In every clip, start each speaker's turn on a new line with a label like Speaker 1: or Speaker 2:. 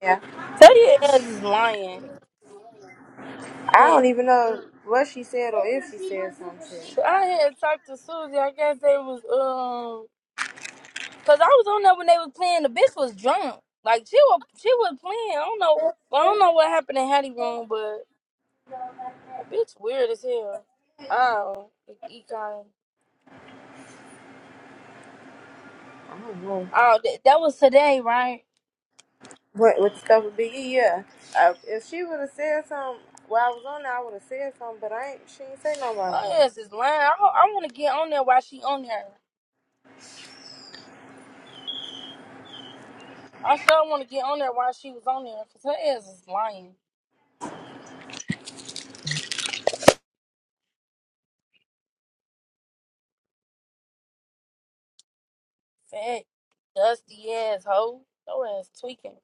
Speaker 1: Yeah,
Speaker 2: Tell your ass is lying.
Speaker 1: I
Speaker 2: That
Speaker 1: don't even know what she said or if she said some shit.
Speaker 2: sh- I had talked to Susie. I guess they was um, cause I was on there when they was playing. The bitch was drunk. Like she was, she was playing. I don't know. Well, I don't know what happened in Hattie room, but the bitch weird as hell. Oh, econ.
Speaker 1: I don't know.
Speaker 2: Oh, that, that was today, right?
Speaker 1: What with stuff with Big E, yeah. Uh, if she would have said something while I was on there, I would have said something, but I ain't. She ain't say nothing while I was on
Speaker 2: Her
Speaker 1: there.
Speaker 2: ass is lying. I, ho- I want to get on there while she on there. I sure want to get on there while she was on there, cause her ass is lying. Fat, dusty ass hoe. Her ass tweaking.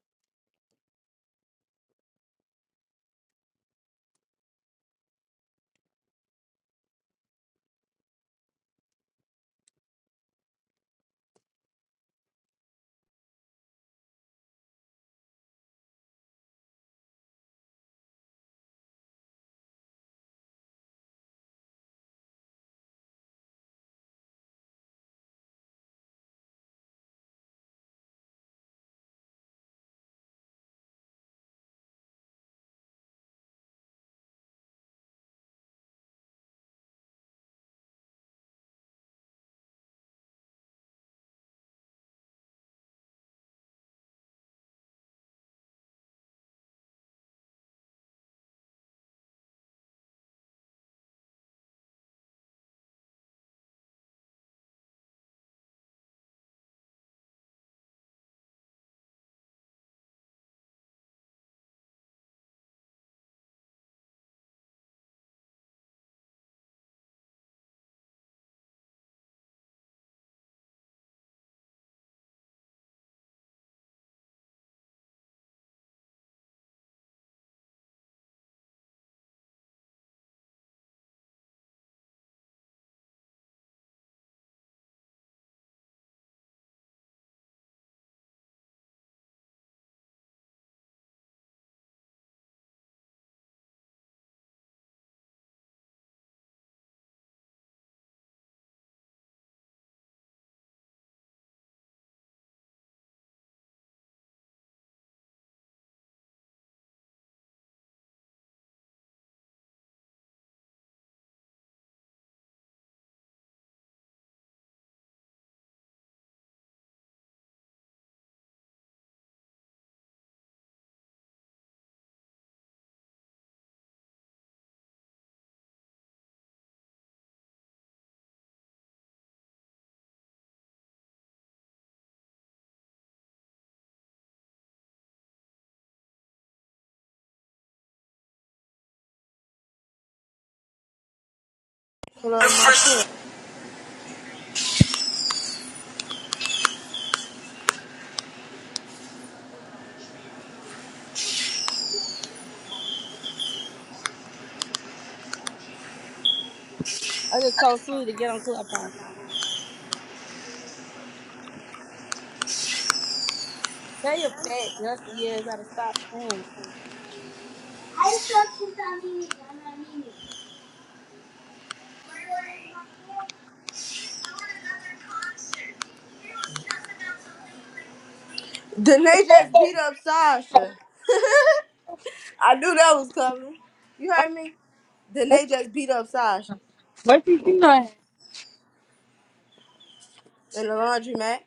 Speaker 1: Hold on, ma.
Speaker 2: I just told Sully to get on Clubhouse. Tell your fat dusty ass gotta stop playing.
Speaker 1: Danae just beat up Sasha. I knew that was coming. You
Speaker 2: What
Speaker 1: heard me? Then
Speaker 2: what
Speaker 1: they just beat up Sasha
Speaker 2: what you doing?
Speaker 1: in the laundry mat.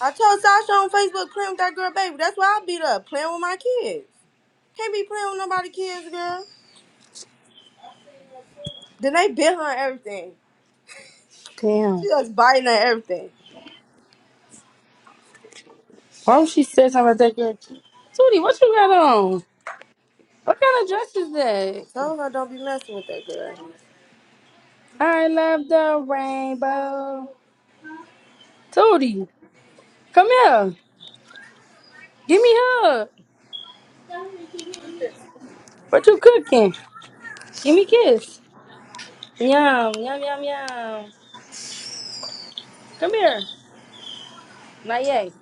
Speaker 1: I told Sasha on Facebook, playing with that girl, baby. That's why I beat up, playing with my kids. Can't be playing with nobody's kids, girl. Then they bit her and everything. She
Speaker 2: Damn.
Speaker 1: was biting at everything.
Speaker 2: Why would she say something about that girl? Tootie, what you got on? What kind of dress is
Speaker 1: I
Speaker 2: that?
Speaker 1: told her don't be messing with that girl.
Speaker 2: I love the rainbow. Tootie, come here. Give me a hug. What you cooking? Give me a kiss. Yum, yum, yum, yum. Come here. Not yet.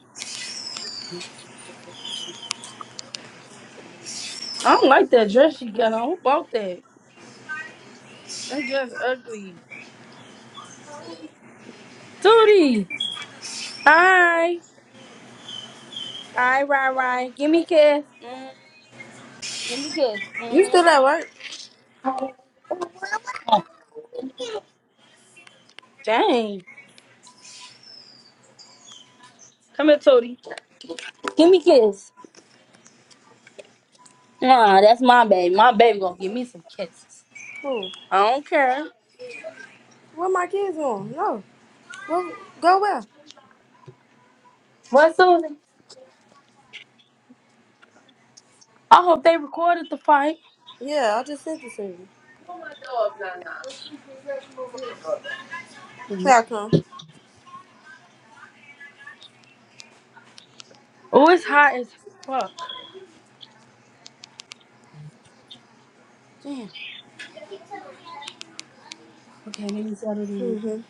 Speaker 2: I don't like that dress she got on. Who bought that? That dress ugly. Tootie. Hi. All right, right. right. Give me a kiss. Mm, give me a kiss.
Speaker 1: You still at
Speaker 2: Mm.
Speaker 1: work?
Speaker 2: Dang. Come here, Tootie. Give me a kiss. Nah, that's my baby. My baby gonna give me some kisses.
Speaker 1: Who?
Speaker 2: I don't care.
Speaker 1: Where my kids going? No. Go, go where?
Speaker 2: What, Susie? I hope they recorded the fight.
Speaker 1: Yeah, I just sent it to you. Here
Speaker 2: Mhm.
Speaker 1: I come.
Speaker 2: Oh, it's hot as fuck. Damn. Okay, let me settle down.
Speaker 1: hmm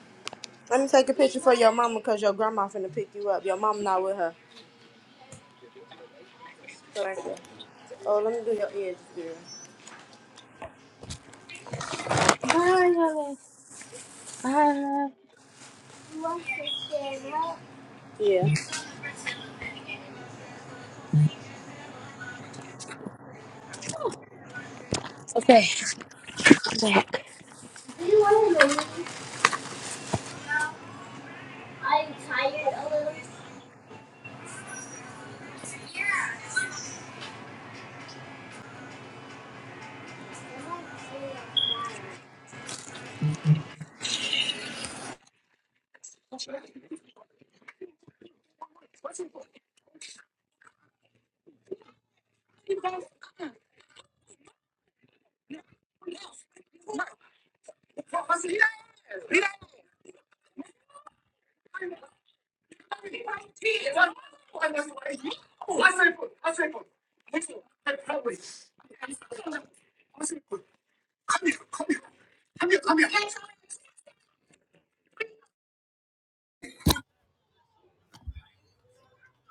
Speaker 1: Let me take a picture for your mama because your grandma finna pick you up. Your mama not with her. So right there. Oh, let me do your edges, girl.
Speaker 2: Bye, y'all. Bye, love.
Speaker 1: Yeah.
Speaker 2: Okay, I'm back.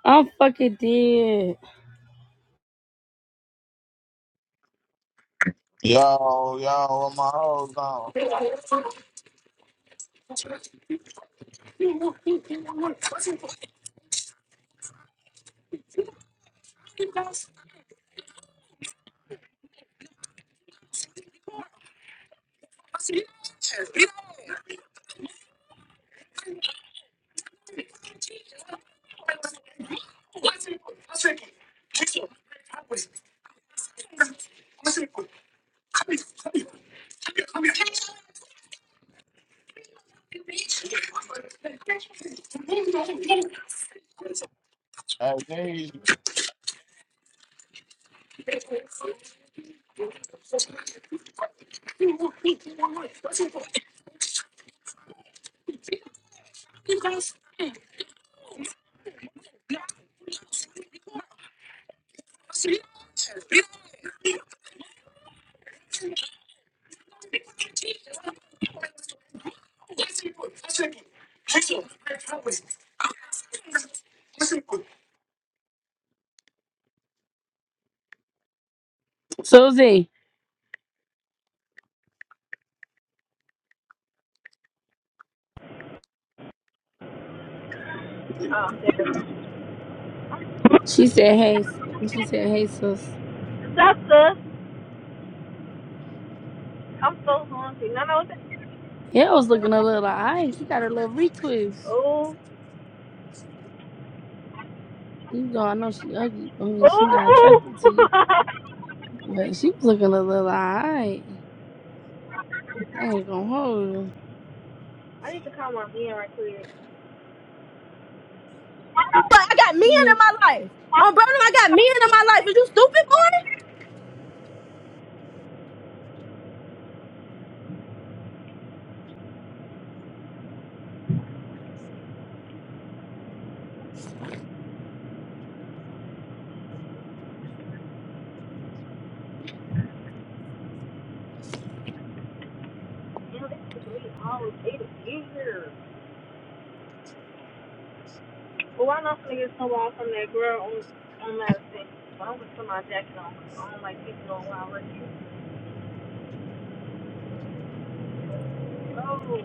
Speaker 2: I'm fucking dead.
Speaker 3: Yo, yo, where my hoes on? Amnesia.
Speaker 2: Susie,
Speaker 4: Oh, damn.
Speaker 2: she said, hey, s- she said, hey, sis.
Speaker 4: That's us. I'm so hungry. No, no, that-
Speaker 2: Yeah, I was looking a little eyes. She got her little retwist.
Speaker 4: oh,
Speaker 2: You go, I know she ugly. I mean, she not
Speaker 4: oh.
Speaker 2: attracted to you, but she was looking a little alright. I ain't gonna hold you.
Speaker 4: I need to call my man right quick.
Speaker 1: But I got men
Speaker 2: Yeah,
Speaker 1: in my life. Oh, brother, I got men in my life. Is you stupid, boy?
Speaker 4: Damn, this is me I always ate it here. Well, why not finna get someone from that girl on on medicine? But I'm gonna put my jacket on. I don't like people doing while I work here. Oh,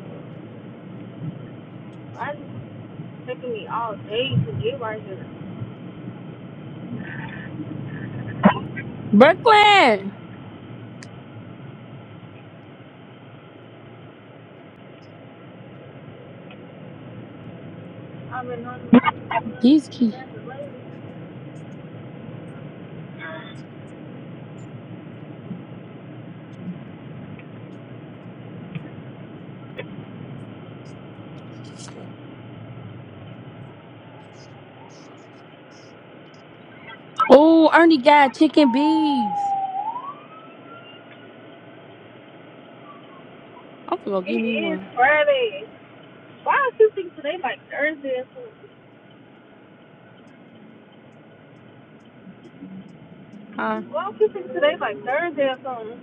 Speaker 4: I just it's taking me all day to get right here.
Speaker 2: Brooklyn.
Speaker 4: I've been on
Speaker 2: He's cute.
Speaker 4: the
Speaker 2: Oh, Ernie got chicken bees. I'm gonna give
Speaker 4: It
Speaker 2: me
Speaker 4: is
Speaker 2: one.
Speaker 4: Friday. Why do you think today like Thursday or something?
Speaker 2: Huh?
Speaker 4: Well, I'm thinking today's like Thursday or something.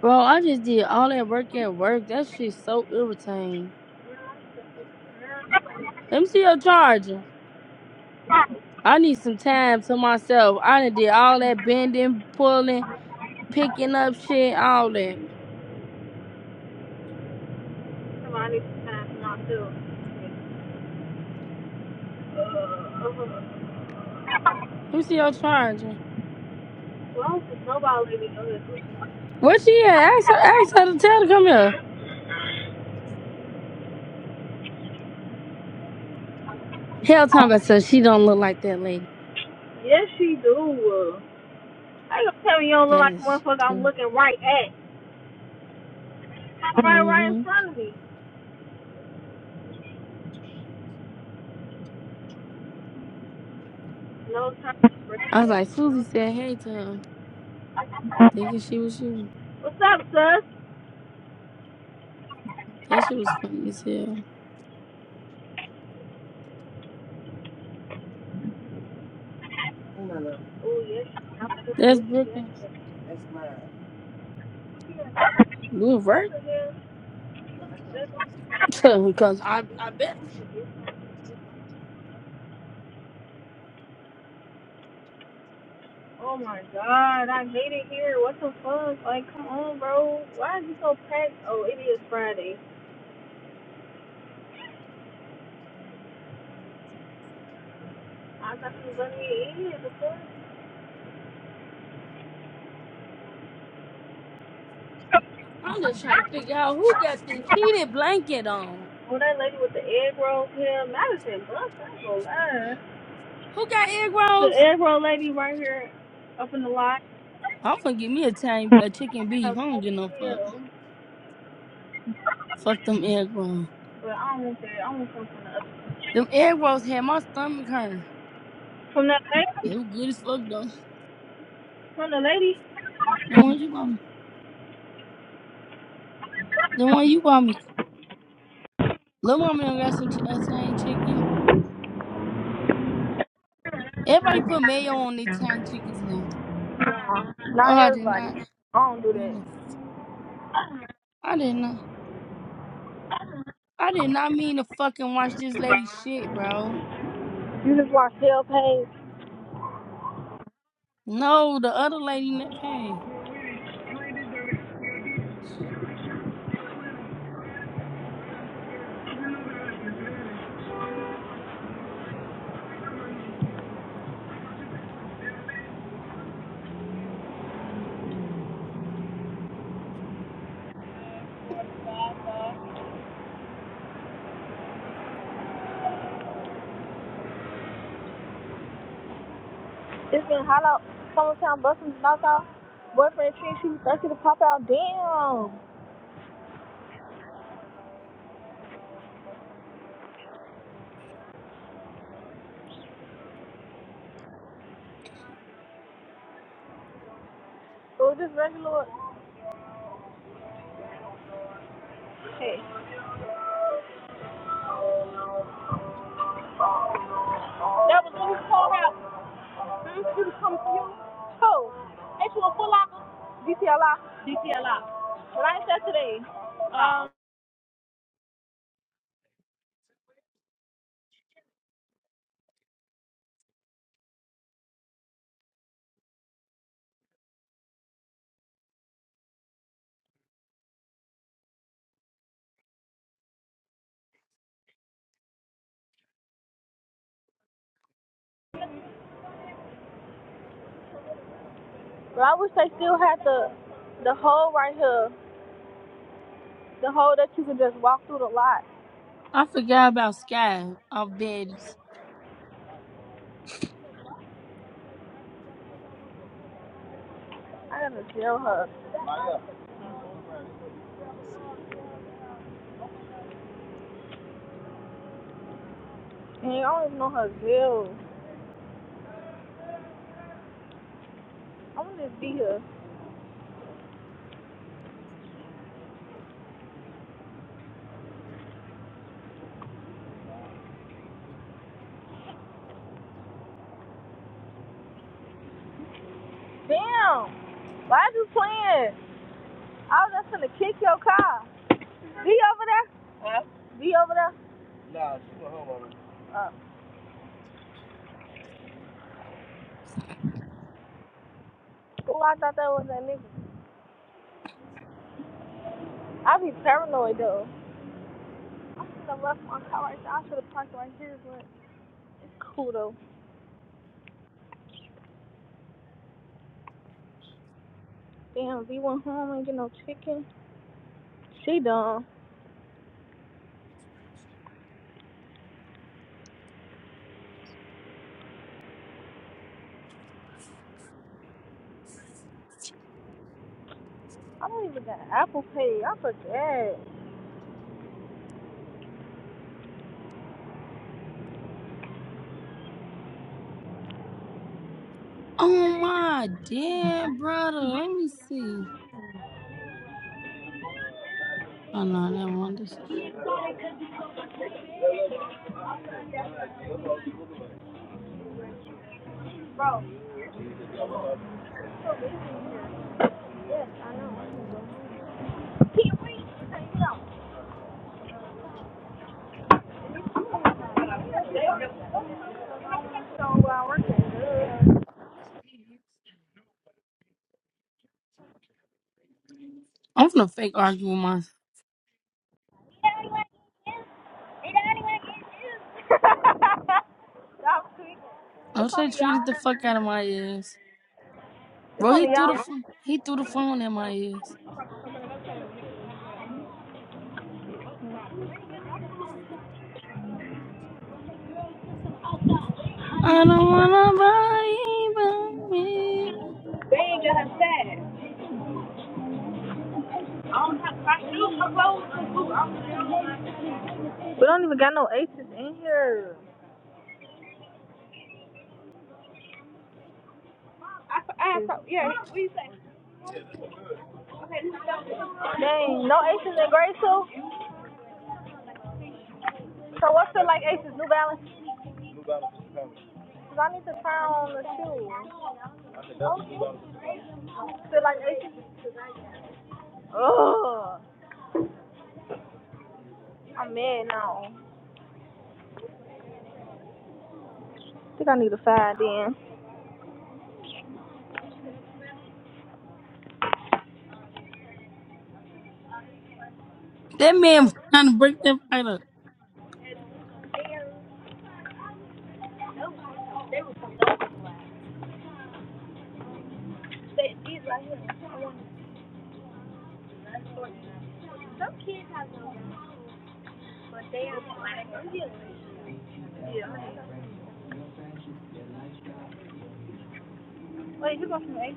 Speaker 2: Bro, I just did all that work at work. That shit's so irritating. Let me see your charger. I need some time to myself. I done did all that bending, pulling, picking up shit, all that.
Speaker 4: So I need some time for myself. Uh,
Speaker 2: Let me see your charger.
Speaker 4: well, there's nobody letting me this.
Speaker 2: Where she at? Ask her, ask her to tell her to come here. Hell talking about so she don't look like that lady.
Speaker 4: Yes, she do. How you tell me you don't look like the
Speaker 2: Yes, she
Speaker 4: motherfucker I'm
Speaker 2: do.
Speaker 4: looking right at? I'm right, right
Speaker 2: hmm
Speaker 4: in front of me. No time for
Speaker 2: I was
Speaker 4: that.
Speaker 2: like, Susie said hey to her, thinking she was you.
Speaker 4: What's up, sus?
Speaker 2: That shit was funny as hell.
Speaker 4: Oh, yes, I'm looking
Speaker 2: That's
Speaker 4: what she got.
Speaker 2: Brooklyn. We'll work. Because I, I bet
Speaker 4: Oh my god, I hate it here. What the fuck? Like, come on, bro. Why is it so packed? Oh, it is Friday. I thought she was letting me eat it before.
Speaker 2: I'm just trying to figure out who got this heated blanket on.
Speaker 4: Well, that lady with the egg roll here, Madison Buck, I ain't gonna lie.
Speaker 2: Who got egg
Speaker 4: The
Speaker 2: rolls?
Speaker 4: egg roll lady right here up in the lot.
Speaker 2: I'm gonna give me a time a chicken
Speaker 4: I
Speaker 2: beef.
Speaker 4: was
Speaker 2: I don't
Speaker 4: so
Speaker 2: get no fuck.
Speaker 4: chill,
Speaker 2: Fuck them egg rolls.
Speaker 4: but I don't want that. I want something from the other.
Speaker 2: Them egg rolls had my stomach hurt.
Speaker 4: From that
Speaker 2: They
Speaker 4: lady?
Speaker 2: were good as fuck though.
Speaker 4: From the lady?
Speaker 2: The one you bought me. The one you bought me. Little mama done got some ch- uh, tiny chicken. Everybody put mayo on their Italian chickens now.
Speaker 4: Nah,
Speaker 2: Oh,
Speaker 4: not
Speaker 2: I did not
Speaker 4: everybody. I don't do
Speaker 2: mean to.
Speaker 4: that.
Speaker 2: I did not. I did not mean to fucking watch this lady shit, bro.
Speaker 4: You just watch shell pain.
Speaker 2: No, the other lady in that pain.
Speaker 4: It's been hot out. Summertime busting knocked out. Boyfriend treat she was thirsty to pop out. Damn. It was just regular shit. That was when we called out. This is confused. Who? Ain't you a full locker? DTLI. DTLI. But I said today. Um, but I wish they still had the the hole right here. The hole that you can just walk through the lot.
Speaker 2: I forgot about Sky of Betty's.
Speaker 4: I gotta jail her. And I don't even know her bill. I want to be here. Damn. Why are you playing? I was just gonna kick your car. Be over there. Huh? Be over there. Uh, oh, nigga. I be paranoid though. I left my car right there. I should have parked right here. Kudos. Damn, V went home and get no chicken. She done. I don't even got Apple Pay. I forget.
Speaker 2: Oh my dear brother. Let me see. Oh no, that one. this- I'm finna fake argue with my. I
Speaker 4: It's
Speaker 2: wish they
Speaker 4: only
Speaker 2: treated
Speaker 4: y'all.
Speaker 2: the fuck out of my ass,
Speaker 4: It's
Speaker 2: bro. He
Speaker 4: only
Speaker 2: threw the
Speaker 4: y'all.
Speaker 2: phone. He threw the phone at my ass. I don't want nobody but me.
Speaker 4: They ain't got a set. We don't even got no aces in here. I, I, have, yeah, what you say? Okay, Dang, no aces in gray too? I need to try on the shoes. Feel like aces? Ugh, I'm mad now. I think I need a five
Speaker 2: That man trying to break that fight up.
Speaker 4: then. Wait, you go from A.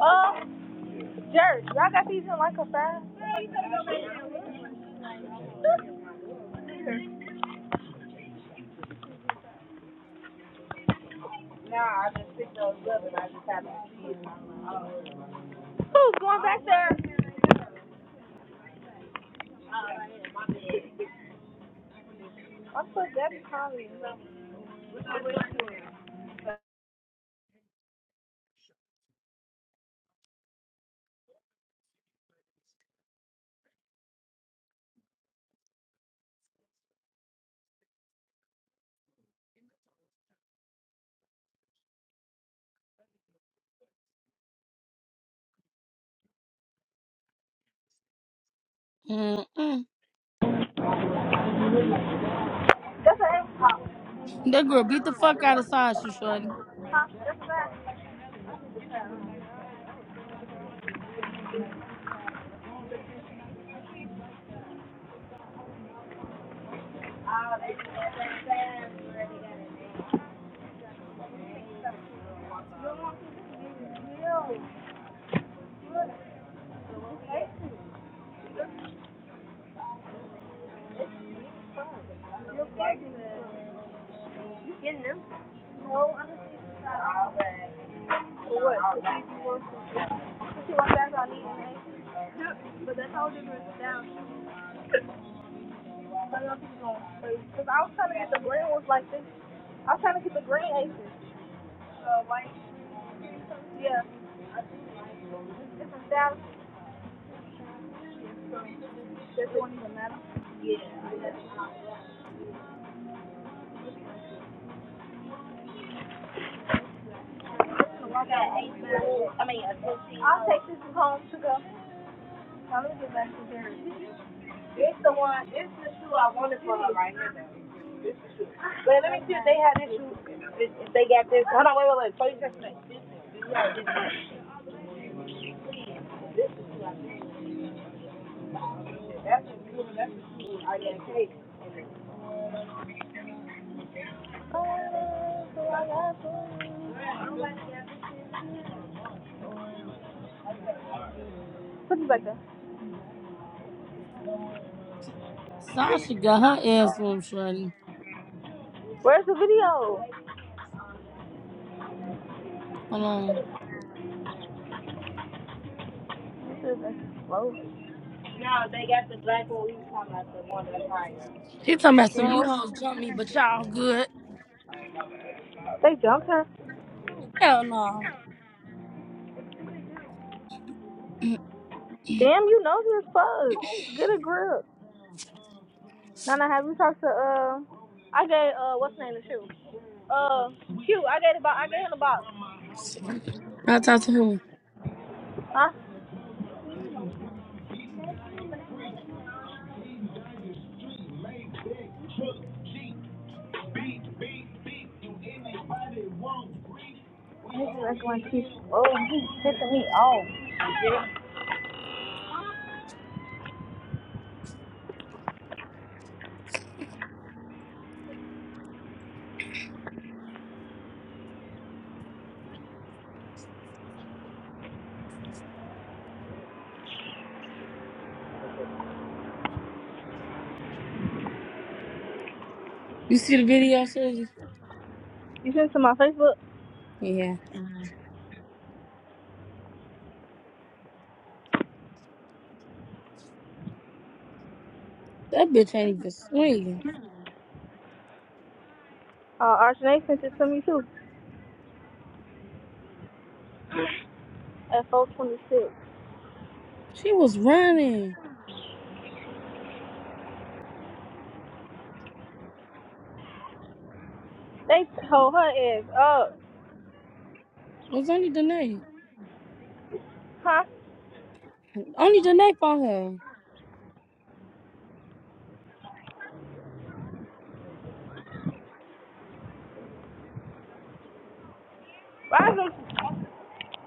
Speaker 4: Oh, Jerk. Y'all got these in like a five? Nah, I just picked those up and I just had not seen them. Who's going back there? I'm so dead and calmly. What's the way to do it?
Speaker 2: Mm-mm. That girl beat the fuck out of Sasha, shorty.
Speaker 4: You getting them? No, I'm just not. For what? What you want back on these? right? Yep, But that's all different down. I don't know if she's going to play. Because I was trying to get the green ones like this. I was trying to get the green aces. Uh, like, yeah, different styles. I mean, i I'll take this home to go. I'm gonna get back to Jerry. It's the one, it's the shoe I wanted for her right here though. let me see if they have this shoe, if they got this, hold on, wait, wait, wait, show you Put it back there.
Speaker 2: Sasha got her ass on, shorty.
Speaker 4: Where's the video?
Speaker 2: Hold on.
Speaker 4: This like No, they got the black one we was talking about, the one that's higher.
Speaker 2: She talking about some
Speaker 4: Damn,
Speaker 2: you hoes
Speaker 4: what-
Speaker 2: jump me, but y'all good.
Speaker 4: They jumped her.
Speaker 2: Hell no.
Speaker 4: Damn, you know this fuck. Get a grip. Nana, have you talked to uh? I gave uh, what's the name of the shoe? Uh, cute. I gave the box. I gave him the box.
Speaker 2: I talked to who?
Speaker 4: Huh? This is like one cute. Oh, he pissing me off.
Speaker 2: You see the video, shorty?
Speaker 4: You sent it to my Facebook?
Speaker 2: Yeah. That bitch ain't even swinging.
Speaker 4: Uh, Archie sent it to me too at 426.
Speaker 2: She was running.
Speaker 4: They told her ass up.
Speaker 2: It was only Danae.
Speaker 4: Huh?
Speaker 2: Only Danae for her.
Speaker 4: Why is them,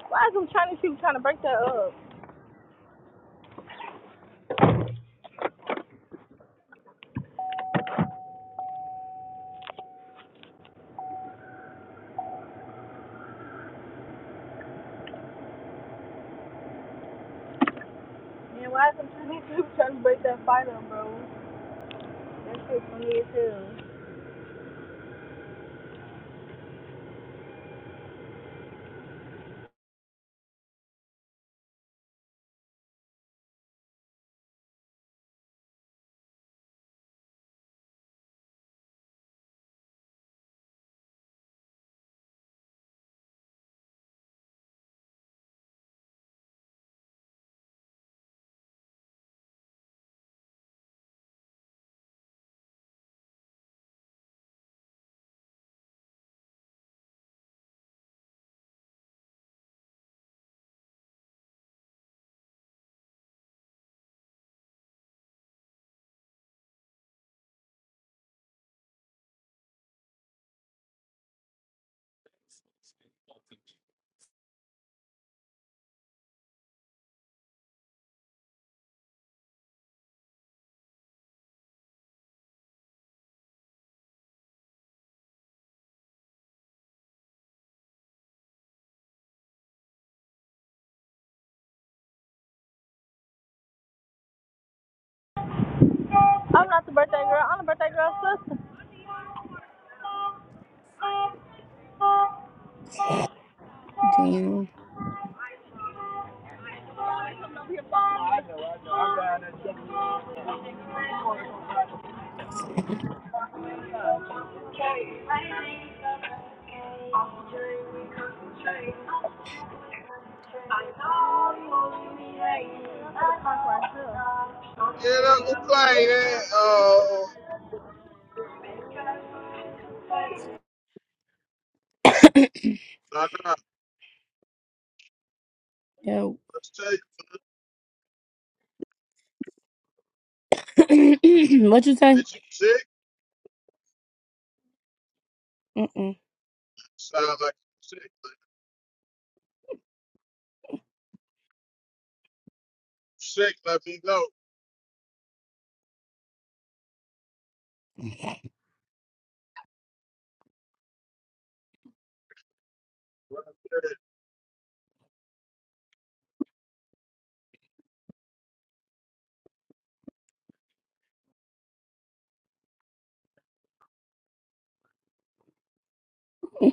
Speaker 4: why is them Chinese people trying to break that up? And why is them Chinese people trying to break that fight up, bro? That shit funny as hell. I'm not the birthday girl. I'm the birthday girl's sister.
Speaker 2: Damn.
Speaker 3: Yeah, that look like that. Oh, nah, nah.
Speaker 2: Yeah,
Speaker 3: Let's tell you,
Speaker 2: what you say?
Speaker 3: bitch, you sick.
Speaker 2: Mm-mm.
Speaker 3: Sound like you sick. You sick. Let me know.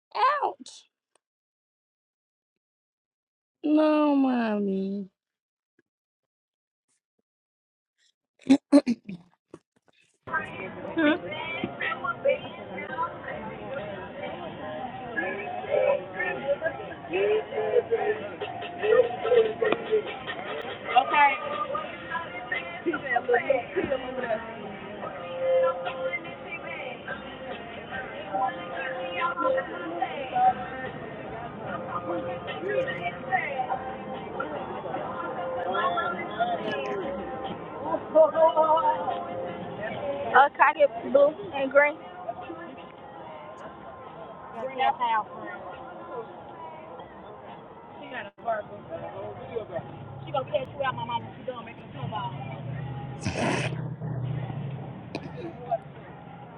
Speaker 2: Ouch. No, mommy.
Speaker 4: Hmm? Okay. Uh, Cardi blue and green. Green and house. She gonna catch you out, my mama. She done making a football.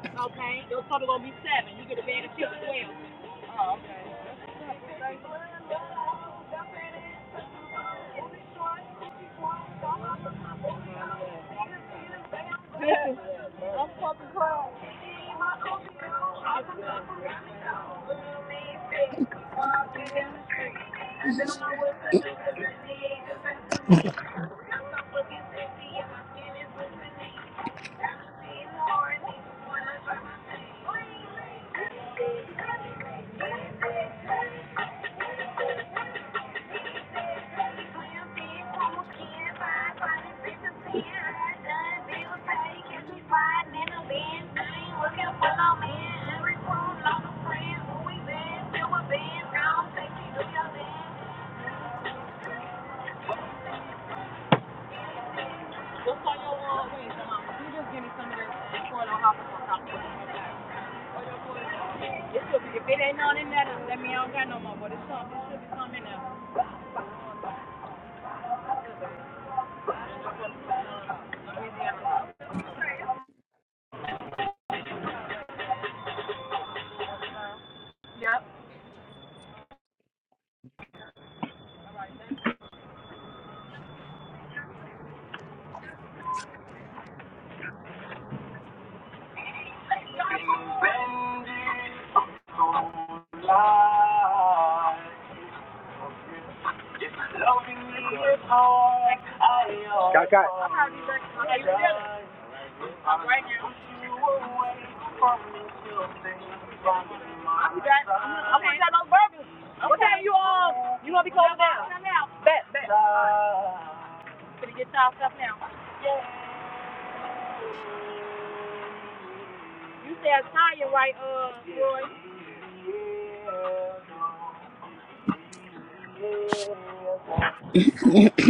Speaker 4: Okay? Your total gonna be seven. You get a bag of chips as well. I'm fucking crying. What's on your wall, Wednesday, mama? You just give me some of this and pour it on top. sauce. it It should be- If it ain't none in there, then let me. I don't got no more. But it's something. It should be something in there. Yep. got. got. How you feeling? i got. I'm not, I'm got no burgers. What time you all? You gonna be closed down? Bet, bet. Gonna get y'all stuff now. You said Tanya right, uh, Roy?